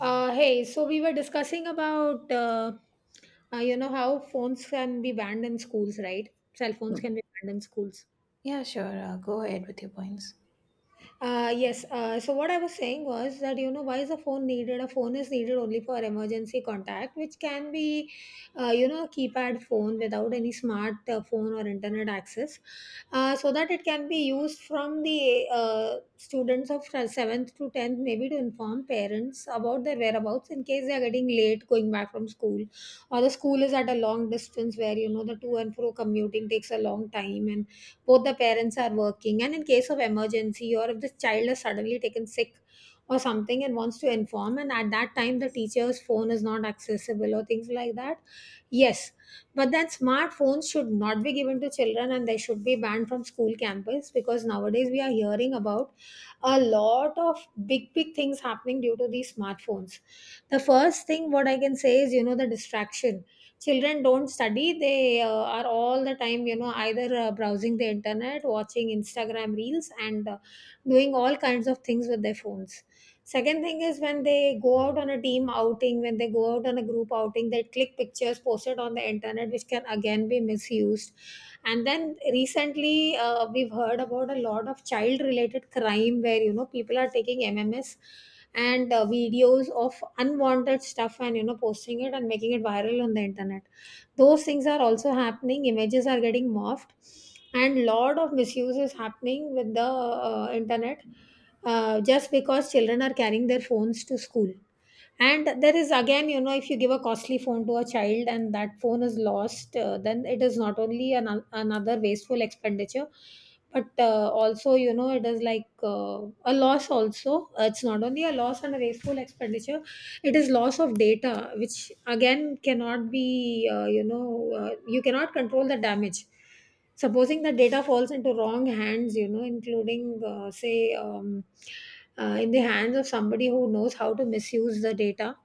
Hey, so we were discussing about, how phones can be banned in schools, right? Cell phones Mm. can be banned in schools. Yeah, sure. Go ahead with your points. Yes. So what I was saying was that you know why is a phone needed? A phone is needed only for emergency contact, which can be, a keypad phone without any smart phone or internet access, so that it can be used from the students of seventh to tenth, maybe to inform parents about their whereabouts in case they are getting late going back from school, or the school is at a long distance where you know the to and fro commuting takes a long time, and both the parents are working, and in case of emergency or if the child is suddenly taken sick or something and wants to inform, and at that time the teacher's phone is not accessible, or things like that. Yes. But then smartphones should not be given to children, and they should be banned from school campus because nowadays we are hearing about a lot of big big things happening due to these smartphones. The first thing what I can say is you know the distraction. Children don't study, they are all the time you know either browsing the internet, watching Instagram reels, and doing all kinds of things with their phones. Second thing is when they go out on a team outing, when they go out on a group outing, they click pictures posted on the internet which can again be misused. And then recently we've heard about a lot of child related crime where you know people are taking mms and videos of unwanted stuff, and you know posting it and making it viral on the internet. Those things are also happening, images are getting morphed, and lot of misuse is happening with the internet, just because children are carrying their phones to school. And there is again, you know if you give a costly phone to a child and that phone is lost, then it is not only another wasteful expenditure, but also you know it is like a loss also. It's not only a loss and a wasteful expenditure, it is loss of data, which again cannot be, you cannot control the damage. Supposing the data falls into wrong hands, you know, including say, in the hands of somebody who knows how to misuse the data,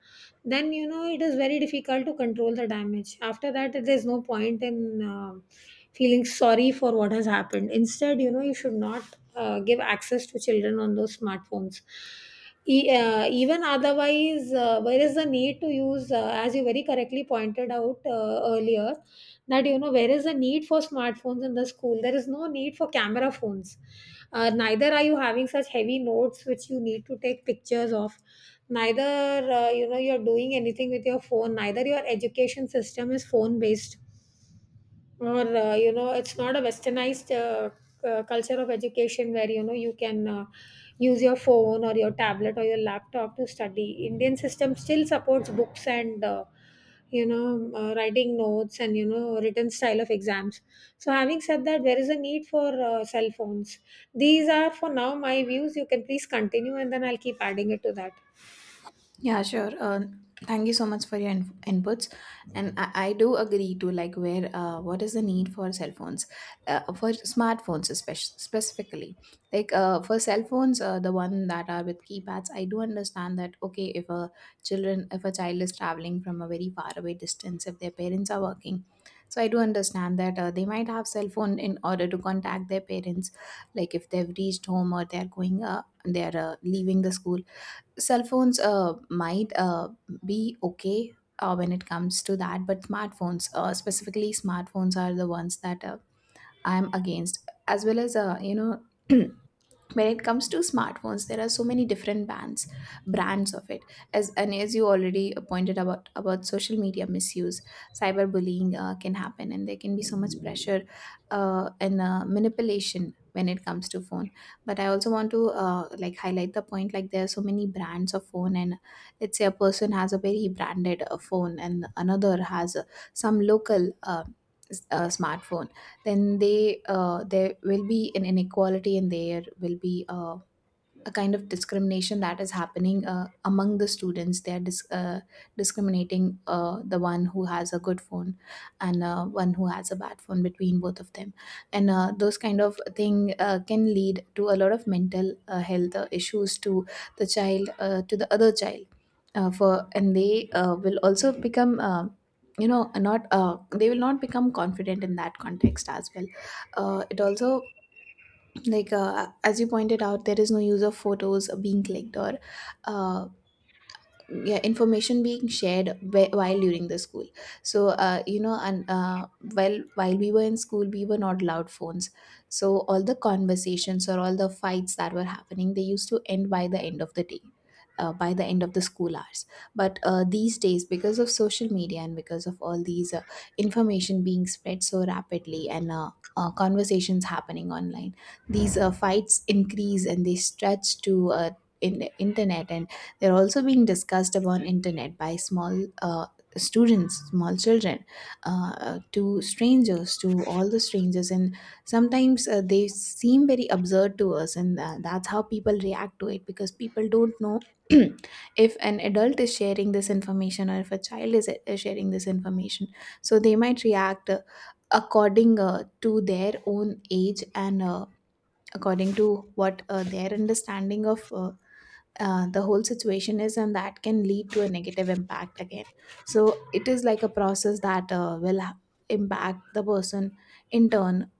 then you know it is very difficult to control the damage after that. There's no point in uh, feeling sorry for what has happened. Instead, you know you should not give access to children on those smartphones. Even otherwise, where is the need to use, as you very correctly pointed out earlier, that you know, where is the need for smartphones in the school? There is no need for camera phones. Neither are you having such heavy notes which you need to take pictures of, neither you're doing anything with your phone, neither your education system is phone based, or it's not a westernized culture of education where you know you can use your phone or your tablet or your laptop to study. Indian system still supports books, and you know writing notes, and you know written style of exams. So having said that, there is a need for cell phones. These are for now my views. You can please continue and then I'll keep adding it to that. Yeah, sure. Thank you so much for your inputs. And I do agree to, like, where, what is the need for cell phones, for smartphones, especially specifically. Like, for cell phones, the one that are with keypads, I do understand that, okay, if a child is traveling from a very far away distance, if their parents are working, so I do understand that they might have cell phone in order to contact their parents, like if they've reached home or they're leaving the school. Cell phones might be okay when it comes to that, but smartphones, specifically smartphones, are the ones that I'm against, as well as, when it comes to smartphones there are so many different bands brands of it. As and as you already pointed about social media misuse, cyberbullying can happen, and there can be so much pressure and manipulation when it comes to phone. But I also want to, like, highlight the point, like, there are so many brands of phone, and let's say a person has a very branded phone and another has some local smartphone. Then they there will be an inequality, and there will be a kind of discrimination that is happening among the students. They are discriminating the one who has a good phone and one who has a bad phone between both of them, and those kind of thing can lead to a lot of mental health issues to the child, to the other child. For and They will also become. You know not they will not become confident in that context as well. It also, as you pointed out, there is no use of photos being clicked, or uh, yeah, information being shared while during the school. So you know and while we were in school we were not allowed phones, so all the conversations or all the fights that were happening, they used to end by the end of the day, by the end of the school hours. But these days, because of social media and because of all these information being spread so rapidly, and conversations happening online, these fights increase and they stretch to in internet, and they're also being discussed upon internet by small students, small children, to strangers, to all the strangers, and sometimes they seem very absurd to us, and that's how people react to it, because people don't know. If an adult is sharing this information or if a child is sharing this information, so they might react, according to their own age, and according to what their understanding of the whole situation is, and that can lead to a negative impact again. So it is like a process that impact the person, in turn,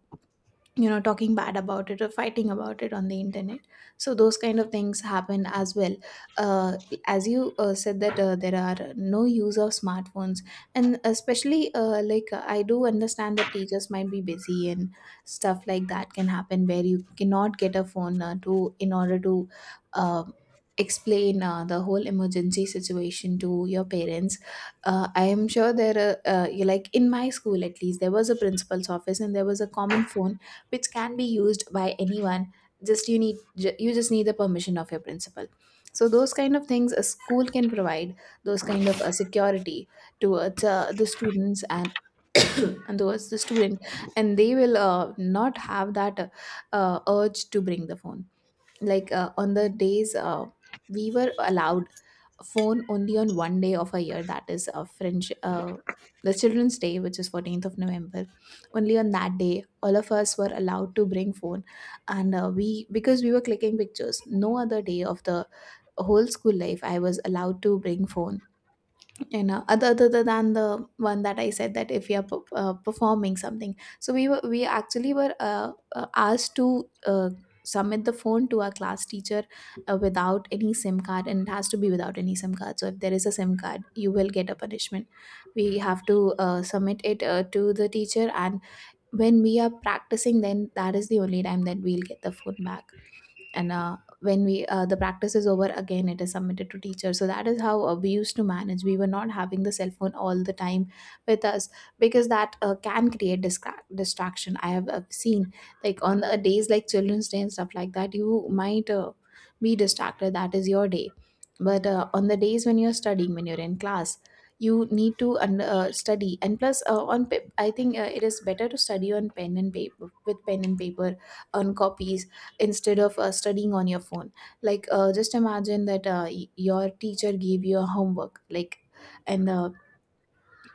talking bad about it or fighting about it on the internet. So those kind of things happen as well. uh, as you said that there are no use of smartphones, and especially, I do understand that teachers might be busy, and stuff like that can happen where you cannot get a phone, to in order to uh, explain the whole emergency situation to your parents. I am sure there are, like in my school at least, there was a principal's office and there was a common phone which can be used by anyone. Just you just need the permission of your principal. So those kind of things a school can provide. Those kind of a security towards the students and and towards the student. And they will not have that urge to bring the phone. Like, on the days, we were allowed phone only on one day of a year, that is a French, the Children's Day, which is 14th of November. Only on that day all of us were allowed to bring phone. And we because we were clicking pictures. No other day of the whole school life I was allowed to bring phone, you know, other than the one that I said, that if we are performing something. So we actually were asked to submit the phone to our class teacher, without any SIM card. And it has to be without any SIM card, so if there is a SIM card you will get a punishment. We have to submit it to the teacher, and when we are practicing, then that is the only time that we'll get the phone back. And when we the practice is over, again it is submitted to teacher. So that is how we used to manage. We were not having the cell phone all the time with us, because that can create distraction. I have seen, like, on the days like Children's Day and stuff like that, you might be distracted, that is your day. But on the days when you're studying, when you're in class, you need to study. And plus, on pip I think it is better to study on pen and paper, with pen and paper, on copies, instead of studying on your phone. Like, just imagine that your teacher gave you a homework, like and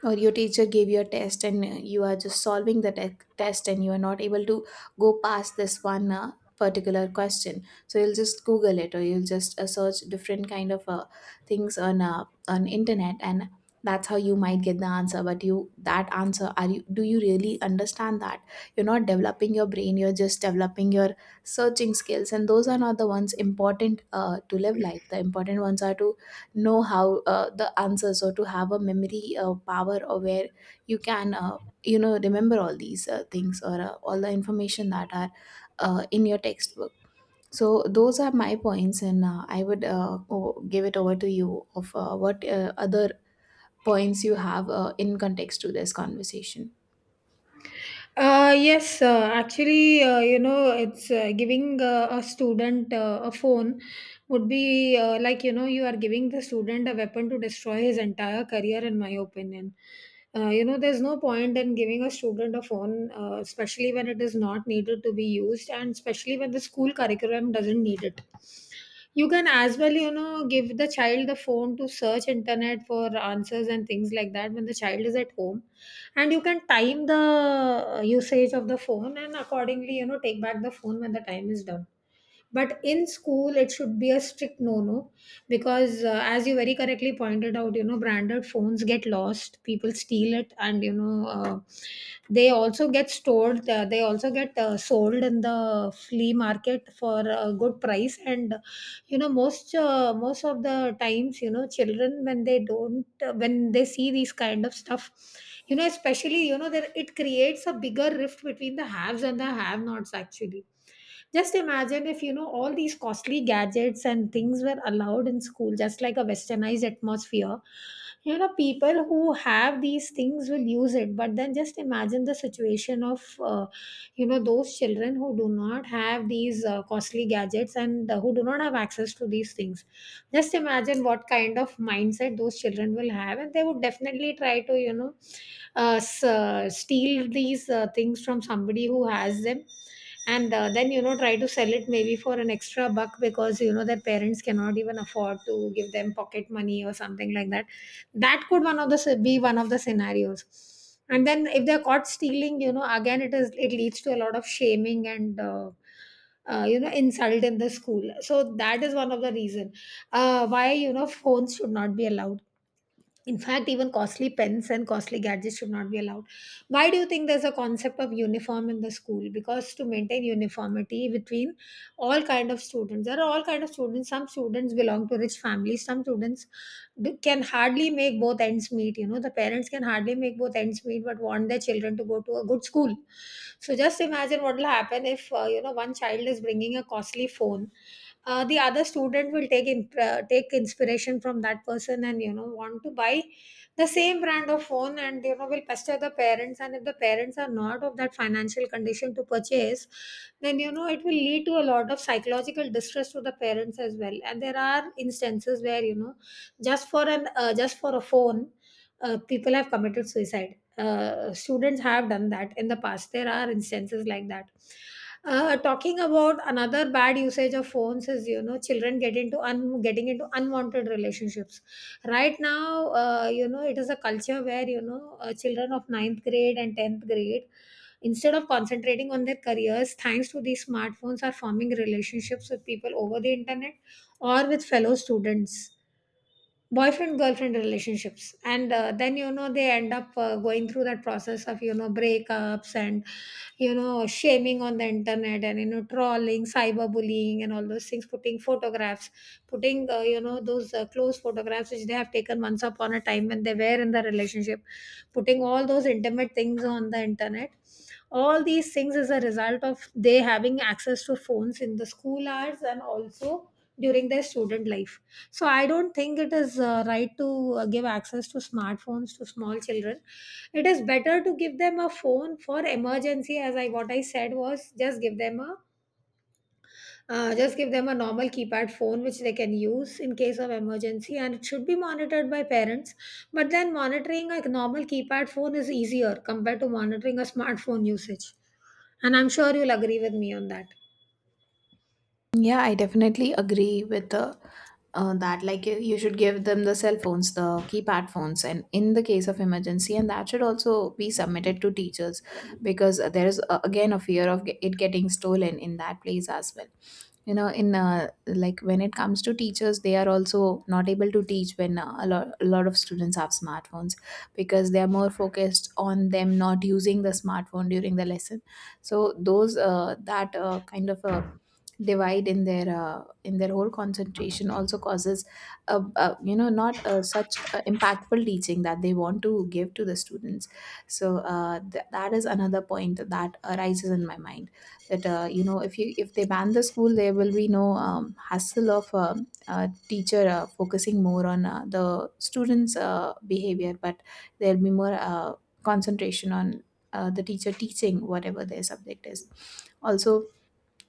or your teacher gave you a test, and you are just solving the test, and you are not able to go past this one particular question, so you'll just google it, or you'll just search different kind of things on on internet, and that's how you might get the answer. But you that answer, are you do you really understand that? You're not developing your brain, you're just developing your searching skills, and those are not the ones important to live life. The important ones are to know how the answers, or to have a memory power, or where you can remember all these things, or all the information that are in your textbook. So those are my points, and I would give it over to you of what other points you have in context to this conversation. Yes, actually, it's giving a student a phone would be you are giving the student a weapon to destroy his entire career, in my opinion. There's no point in giving a student a phone, especially when it is not needed to be used, and especially when the school curriculum doesn't need it. You can as well, you know, give the child the phone to search internet for answers and things like that when the child is at home. And you can time the usage of the phone, and accordingly you know take back the phone when the time is done. But in school it should be a strict no no. Because as you very correctly pointed out, you know, branded phones get lost, people steal it, and you know they also get stored, they also get sold in the flea market for a good price. And you know most of the times, you know children when they don't, when they see these kind of stuff, you know, especially you know that it creates a bigger rift between the haves and the have nots actually. Just imagine if you know all these costly gadgets and things were allowed in school, just like a westernized atmosphere. You know, people who have these things will use it, but then just imagine the situation of those children who do not have these costly gadgets, and who do not have access to these things. Just imagine what kind of mindset those children will have, and they would definitely try to, you know, steal these things from somebody who has them, and then you know try to sell it maybe for an extra buck because you know their parents cannot even afford to give them pocket money or something like that. That could one of the s- be one of the scenarios. And then if they're caught stealing, you know again it leads to a lot of shaming and insult in the school, so that is one of the reason why you know phones should not be allowed. In fact, even costly pens and costly gadgets should not be allowed. Why do you think there's a concept of uniform in the school? Because to maintain uniformity between all kind of students, there are all kind of students. Some students belong to rich families. Some students can hardly make both ends meet. You know, the parents can hardly make both ends meet, but want their children to go to a good school. So just imagine what will happen if one child is bringing a costly phone, the other student will take inspiration from that person and you know want to buy the same brand of phone, and you know will pester the parents, and if the parents are not of that financial condition to purchase, then you know it will lead to a lot of psychological distress to the parents as well. And there are instances where, you know, just for a phone, people have committed suicide, students have done that in the past. There are instances like that. Talking about another bad usage of phones is, you know, children getting into unwanted relationships right now. It is a culture where you know children of ninth grade and 10th grade, instead of concentrating on their careers, thanks to these smartphones, are forming relationships with people over the internet, or with fellow students, boyfriend girlfriend relationships. And then you know they end up going through that process of, you know, breakups, and you know shaming on the internet, and you know trolling, cyberbullying, and all those things, putting photographs, putting those close photographs which they have taken once upon a time when they were in the relationship, putting all those intimate things on the internet. All these things is a result of they having access to phones in the school hours, and also during their student life. So I don't think it is right to give access to smartphones to small children. It is better to give them a phone for emergency. As I What I said was, just give them a just give them a normal keypad phone which they can use in case of emergency, and it should be monitored by parents. But then, monitoring a normal keypad phone is easier compared to monitoring a smartphone usage. And I'm sure you'll agree with me on that. Yeah, I definitely agree with the that. Like, you should give them the cell phones, the keypad phones, and in the case of emergency, and that should also be submitted to teachers, because there is again a fear of it getting stolen in that place as well. You know, in like when it comes to teachers, they are also not able to teach when a lot of students have smartphones, because they are more focused on them not using the smartphone during the lesson. So those that kind of a divide in their whole concentration also causes a not such a impactful teaching that they want to give to the students. So that is another point that arises in my mind, that if they ban the school there will be no hassle of a teacher focusing more on the students behavior, but there'll be more concentration on the teacher teaching whatever their subject is. Also,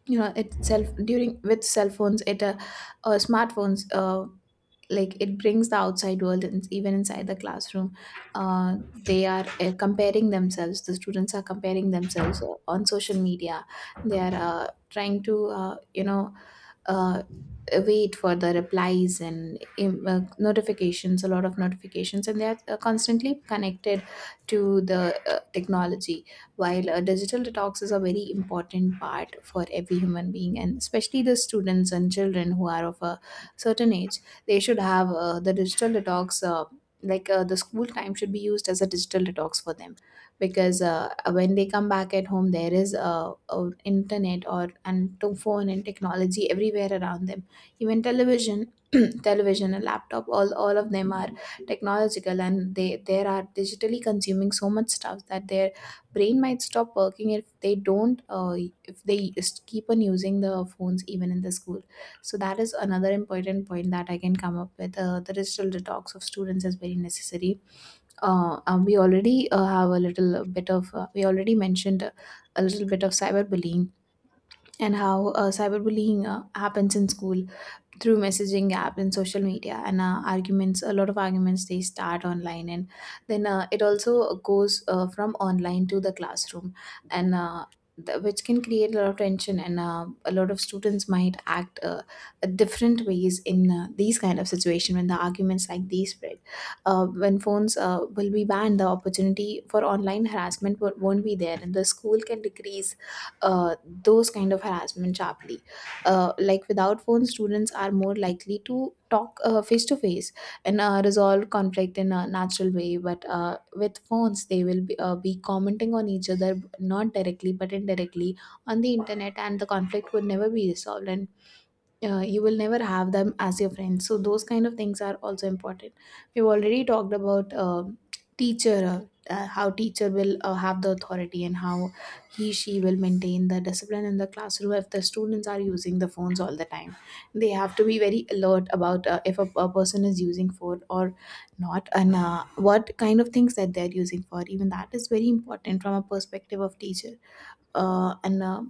you know, itself during with cell phones it smartphones, like, it brings the outside world and even inside the classroom. uh, the students are comparing themselves on social media, they are trying to, uh, wait for the replies and notifications, a lot of notifications, and they are constantly connected to the technology, while digital detox is a very important part for every human being, and especially the students and children who are of a certain age. They should have the digital detox, like, the school time should be used as a digital detox for them, because when they come back at home there is internet, or and to phone and technology everywhere around them, even television television and laptop, all of them are technological, and they are digitally consuming so much stuff that their brain might stop working if they don't, if they keep on using the phones even in the school. So that is another important point that I can come up with. The digital detox of students is very necessary. We already have a little bit of, we already mentioned a little bit of cyberbullying and how cyberbullying happens in school through messaging app and social media, and arguments a lot of arguments they start online, and then it also goes from online to the classroom, and which can create a lot of tension. And a lot of students might act different ways in these kind of situation when the arguments like these spread. When phones will be banned, the opportunity for online harassment won't be there, and the school can decrease uh, those kind of harassment sharply. Like without phones, students are more likely to talk face to face and resolve conflict in a natural way. But with phones, they will be commenting on each other not directly but indirectly on the internet, and the conflict would never be resolved, and you will never have them as your friends. So those kind of things are also important. We've already talked about teacher, uh, how teacher will have the authority, and how he, she will maintain the discipline in the classroom if the students are using the phones all the time. They have to be very alert about if a person is using phone or not, and what kind of things that they're using for. Even that is very important from a perspective of teacher. uh, and uh,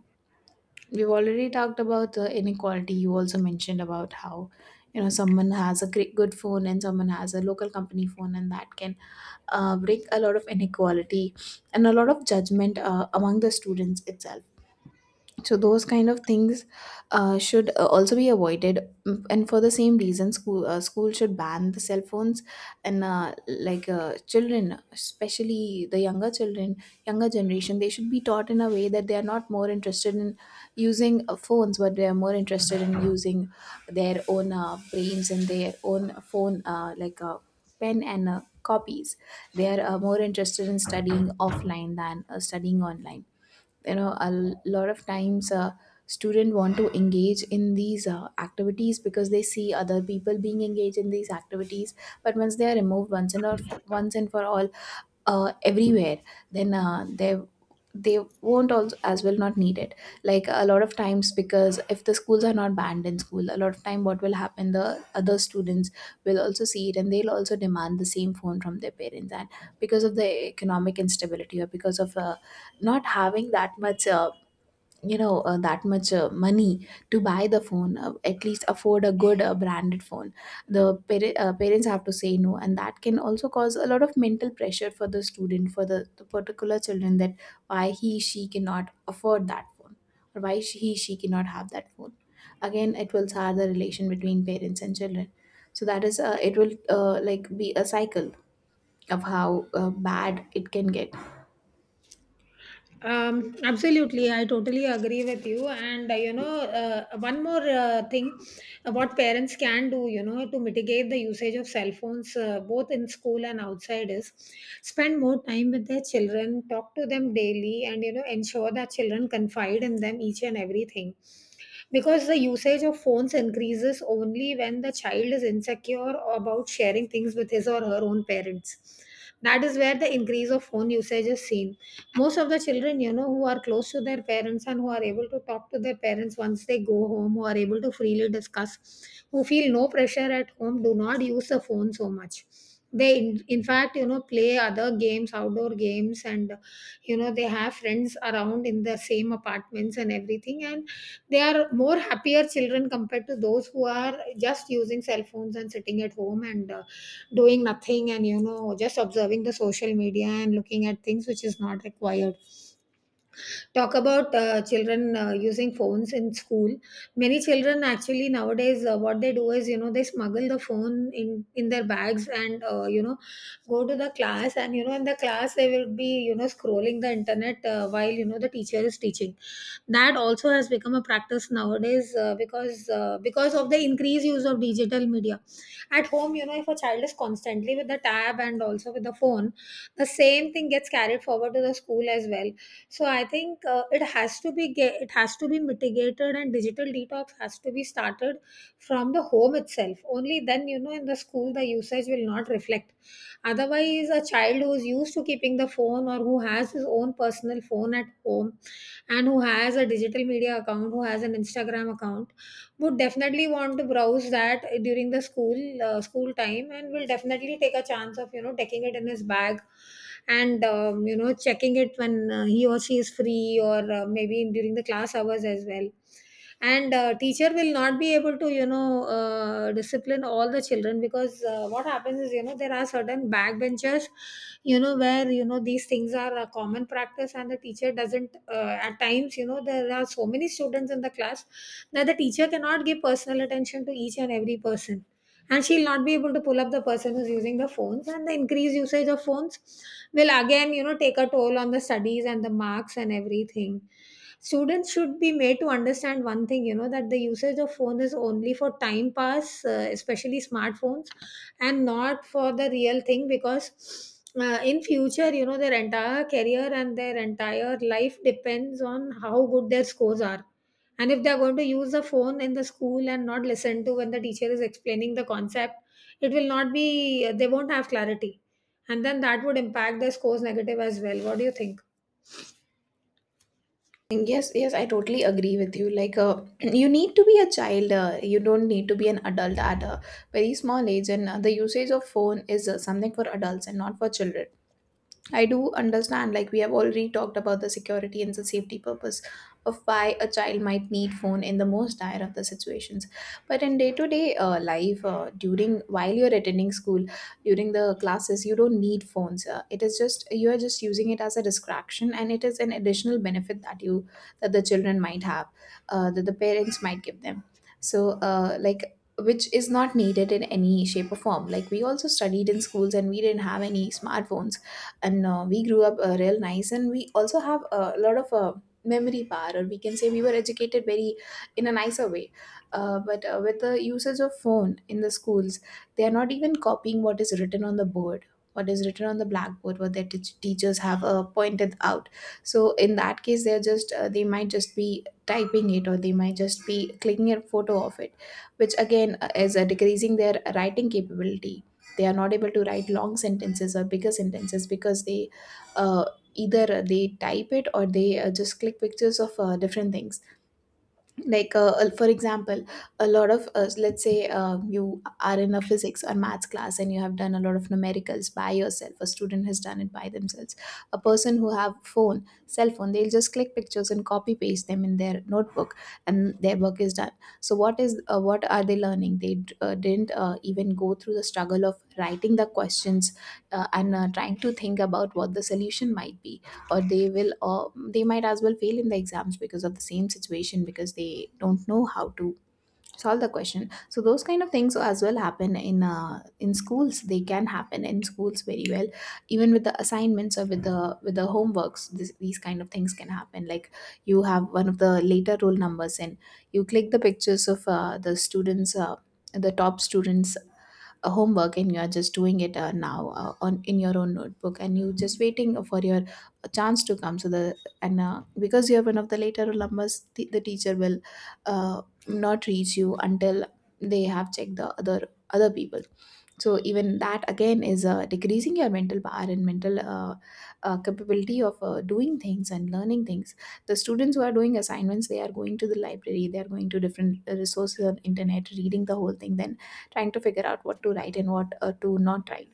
we've already talked about the inequality. You also mentioned about how someone has a great good phone and someone has a local company phone, and that can bring a lot of inequality and a lot of judgment among the students itself. So those kind of things should also be avoided. Mm, and for the same reason, school should ban the cell phones. And children, especially the younger children, younger generation, they should be taught in a way that they are not more interested in using phones, but they are more interested in using their own brains and their own phone like pen and copies. They are more interested in studying offline than studying online. You know, a lot of times, student want to engage in these activities because they see other people being engaged in these activities. But once they are removed once and for all, everywhere, then they they won't also as well not need it. Like a lot of times, because if the schools are not banned in school, a lot of time, what will happen, the other students will also see it, and they'll also demand the same phone from their parents. And because of the economic instability, or because of not having that much that much money to buy the phone, at least afford a good branded phone, parents have to say no. And that can also cause a lot of mental pressure for the student, for the particular children, that why he, she cannot afford that phone, or why he, she cannot have that phone. Again, it will sour the relation between parents and children. So that is it will be a cycle of how bad it can get. Absolutely, I totally agree with you. And you know, one more thing, what parents can do, you know, to mitigate the usage of cell phones, both in school and outside, is spend more time with their children, talk to them daily, and you know, ensure that children confide in them each and everything, because the usage of phones increases only when the child is insecure about sharing things with his or her own parents. That is where the increase of phone usage is seen. Most of the children, you know, who are close to their parents and who are able to talk to their parents once they go home, who are able to freely discuss, who feel no pressure at home, do not use the phone so much. They in fact, you know, play other games, outdoor games, and you know, they have friends around in the same apartments and everything, and they are more happier children compared to those who are just using cell phones and sitting at home and doing nothing and you know just observing the social media and looking at things which is not required. Talk about children using phones in school. Many children actually nowadays, what they do is, you know, they smuggle the phone in their bags, and you know, go to the class, and you know, in the class they will be, you know, scrolling the internet while you know the teacher is teaching. That also has become a practice nowadays, because of the increased use of digital media at home. You know, if a child is constantly with the tab and also with the phone, the same thing gets carried forward to the school as well. So I think it has to be it has to be mitigated, and digital detox has to be started from the home itself. Only then, you know, in the school, the usage will not reflect. Otherwise, a child who is used to keeping the phone or who has his own personal phone at home, and who has a digital media account, who has an Instagram account, would definitely want to browse that during the school school time, and will definitely take a chance of you know taking it in his bag and you know checking it when he or she is free, or maybe during the class hours as well. And teacher will not be able to, you know, discipline all the children, because what happens is, you know, there are certain backbenchers, you know, where you know these things are a common practice, and the teacher doesn't, at times, you know, there are so many students in the class that the teacher cannot give personal attention to each and every person, and she'll not be able to pull up the person who's using the phones. And the increased usage of phones will again, you know, take a toll on the studies and the marks and everything. Students should be made to understand one thing, you know, that the usage of phone is only for time pass, especially smartphones, and not for the real thing, because in future, you know, their entire career and their entire life depends on how good their scores are. And if they're going to use the phone in the school and not listen to when the teacher is explaining the concept, it will not be they won't have clarity, and then that would impact their scores negative as well. What do you think? Yes, yes, I totally agree with you. Like, you need to be a child. You don't need to be an adult at a very small age. And the usage of phone is something for adults and not for children. I do understand, like, we have already talked about the security and the safety purpose of why a child might need phone in the most dire of the situations. But in day to day life, during while you're attending school, during the classes, you don't need phones. It is just, you are just using it as a distraction, and it is an additional benefit that you that the children might have, that the parents might give them. So, which is not needed in any shape or form. Like, we also studied in schools and we didn't have any smartphones, and we grew up real nice, and we also have a lot of memory power, or we can say we were educated very in a nicer way. Uh, but uh, with the usage of phone in the schools, they are not even copying what is written on the board, what is written on the blackboard, what their teachers have pointed out. So in that case, they're just they might just be typing it, or they might just be clicking a photo of it, which again is decreasing their writing capability. They are not able to write long sentences or bigger sentences because they uh, either they type it, or they just click pictures of different things. Like, for example, a lot of us, let's say, you are in a physics or maths class, and you have done a lot of numericals by yourself, a student has done it by themselves. A person who have phone, cell phone, they'll just click pictures and copy paste them in their notebook, and their work is done. So what is what are they learning? They didn't even go through the struggle of writing the questions and trying to think about what the solution might be. Or they will they might as well fail in the exams because of the same situation, because they don't know how to solve the question. So those kind of things as well happen in schools. They can happen in schools very well, even with the assignments, or with the homeworks. These kind of things can happen. Like, you have one of the later roll numbers, and you click the pictures of the top students homework, and you are just doing it now on in your own notebook, and you just waiting for your chance to come. So the and because you're one of the later alumnus, the teacher will uh, not reach you until they have checked the other people. So even that again is decreasing your mental power and mental capability of doing things and learning things. The students who are doing assignments, they are going to the library, they are going to different resources on internet, reading the whole thing, then trying to figure out what to write and what to not write.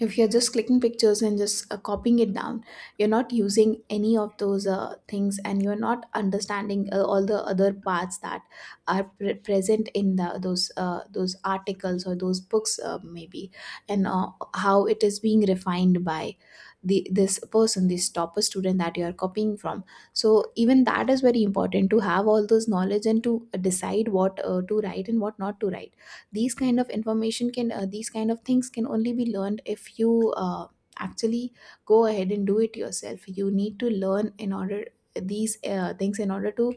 If you're just clicking pictures and just copying it down, you're not using any of those things, and you're not understanding all the other parts that are present in the those articles or those books maybe. And how it is being refined by the this person, this topper student, that you are copying from. So even that is very important to have all those knowledge, and to decide what to write and what not to write. These kind of information can these kind of things can only be learned if you actually go ahead and do it yourself. You need to learn in order these things in order to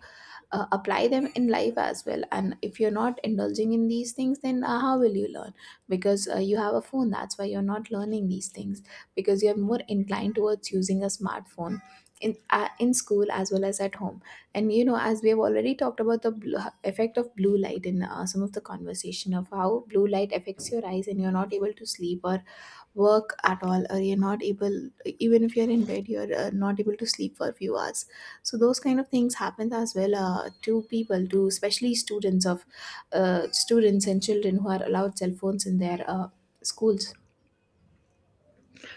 apply them in life as well. And if you're not indulging in these things, then how will you learn? Because you have a phone, that's why you're not learning these things, because you're more inclined towards using a smartphone in school as well as at home. And you know, as we have already talked about effect of blue light in some of the conversation, of how blue light affects your eyes, and you're not able to sleep or work at all, or you're not able, even if you're in bed, you're not able to sleep for a few hours. So those kind of things happen as well, to people, to especially students of students and children who are allowed cell phones in their schools.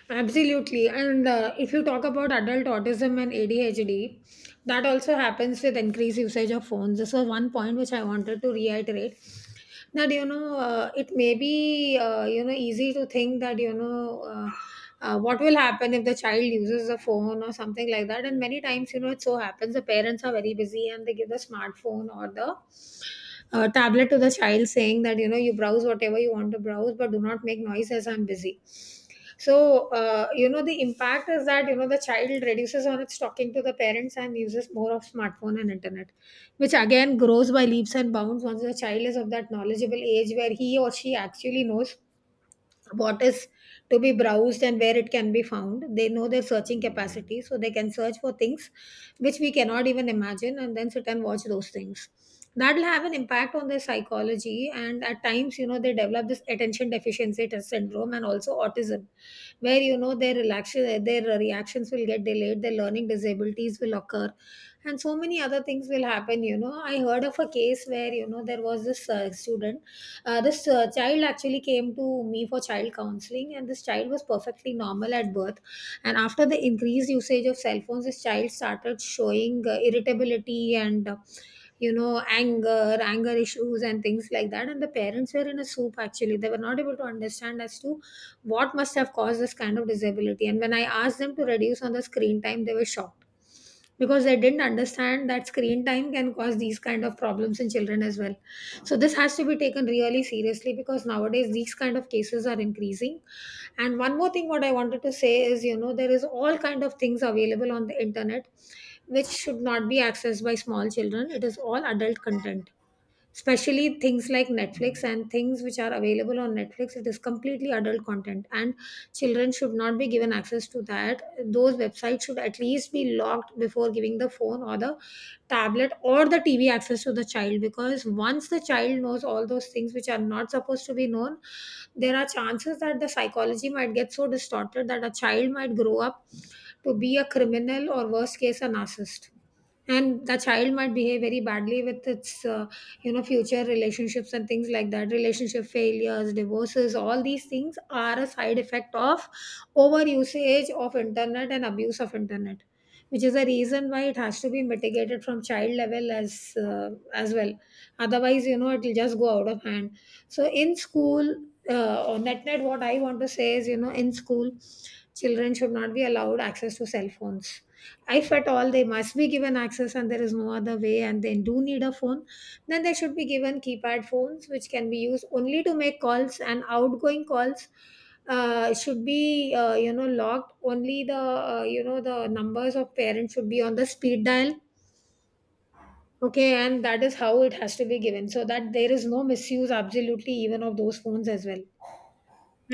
Absolutely. And if you talk about adult autism and ADHD, that also happens with increased usage of phones. This is one point which I wanted to reiterate, that, you know, it may be, you know, easy to think that, you know, what will happen if the child uses a phone or something like that. And many times, you know, it so happens the parents are very busy and they give the smartphone or the tablet to the child, saying that you know you browse whatever you want to browse, but do not make noise as I'm busy. So you know, the impact is that, you know, the child reduces on its talking to the parents and uses more of smartphone and internet, which again grows by leaps and bounds once the child is of that knowledgeable age where he or she actually knows what is to be browsed and where it can be found. They know their searching capacity, so they can search for things which we cannot even imagine, and then sit and watch those things. That'll have an impact on their psychology, and at times, you know, they develop this attention deficiency syndrome, and also autism, where you know their relaxation, their reactions will get delayed, their learning disabilities will occur, and so many other things will happen. You know, I heard of a case where you know there was this student, this child actually came to me for child counseling, and this child was perfectly normal at birth. And after the increased usage of cell phones, this child started showing irritability and you know anger issues and things like that. And the parents were in a soup, actually. They were not able to understand as to what must have caused this kind of disability, and when I asked them to reduce on the screen time, they were shocked, because they didn't understand that screen time can cause these kind of problems in children as well. So this has to be taken really seriously, because nowadays these kind of cases are increasing. And one more thing what I wanted to say is, you know, there is all kind of things available on the internet which should not be accessed by small children. It is all adult content, especially things like Netflix and things which are available on Netflix. It is completely adult content, and children should not be given access to that. Those websites should at least be locked before giving the phone or the tablet or the TV access to the child, because once the child knows all those things which are not supposed to be known, there are chances that the psychology might get so distorted that a child might grow up to be a criminal, or worst case, a narcissist. And the child might behave very badly with its you know future relationships and things like that. Relationship failures, divorces, all these things are a side effect of over usage of internet and abuse of internet, which is a reason why it has to be mitigated from child level as well. Otherwise, you know, it will just go out of hand. So in school, or net net, what I want to say is, you know, in school, children should not be allowed access to cell phones. If at all they must be given access and there is no other way and they do need a phone, then they should be given keypad phones which can be used only to make calls and outgoing calls. Should be you know locked. Only the, you know, the numbers of parents should be on the speed dial. Okay? And that is how it has to be given, so that there is no misuse absolutely even of those phones as well.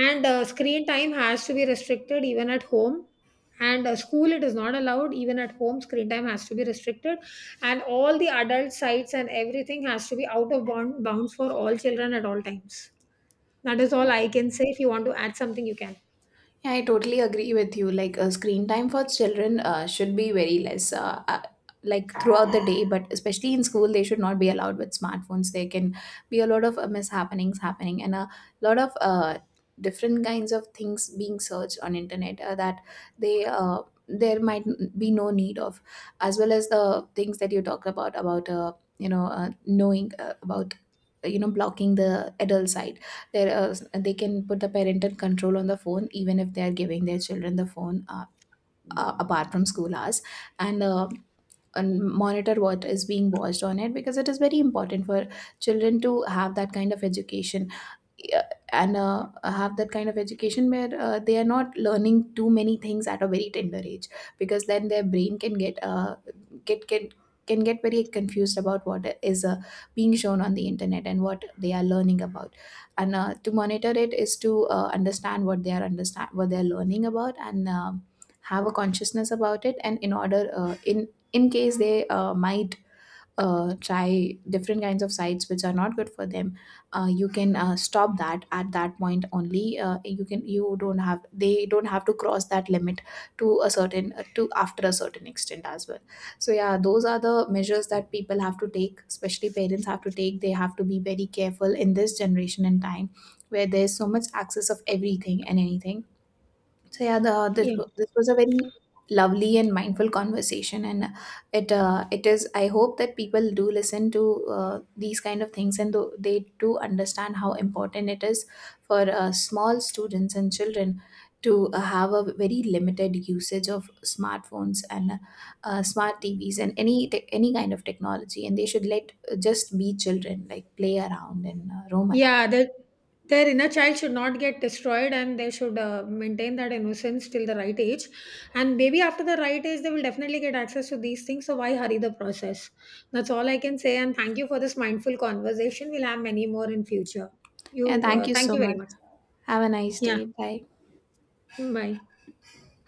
And screen time has to be restricted even at home. And school, it is not allowed. Even at home, screen time has to be restricted. And all the adult sites and everything has to be bounds for all children at all times. That is all I can say. If you want to add something, you can. Yeah, I totally agree with you. Like, screen time for children should be very less, like throughout the day, but especially in school, they should not be allowed with smartphones. There can be a lot of mishappenings happening, and a lot of different kinds of things being searched on internet that they there might be no need of, as well as the things that you talk about about knowing about, blocking the adult side. there are, they can put the parental control on the phone, even if they are giving their children the phone, apart from school hours, and, uh, and monitor what is being watched on it, because it is very important for children to have that kind of education. Yeah, and have that kind of education where they are not learning too many things at a very tender age, because then their brain can get can get very confused about what is being shown on the internet and what they are learning about. And to monitor it is to understand what they are learning about, and um, have a consciousness about it. And in order in case they might try different kinds of sites which are not good for them, you can stop that at that point only. You don't have, they don't have to cross that limit to a certain to after a certain extent as well. So yeah, those are the measures that people have to take, especially parents have to take. They have to be very careful in this generation and time, where there's so much access of everything and anything. So yeah, the this, Yeah. wa- this was a very lovely and mindful conversation. And it it is. I hope that people do listen to these kind of things, and they do understand how important it is for small students and children to have a very limited usage of smartphones and smart TVs and any kind of technology. And they should let just be children, like play around and roam around. Yeah, their inner child should not get destroyed, and they should maintain that innocence till the right age. And maybe after the right age, they will definitely get access to these things. So why hurry the process? That's all I can say. And thank you for this mindful conversation. We'll have many more in future. Yeah, You, thank you thank so you very much. much. Have a nice Yeah, day. Bye. bye.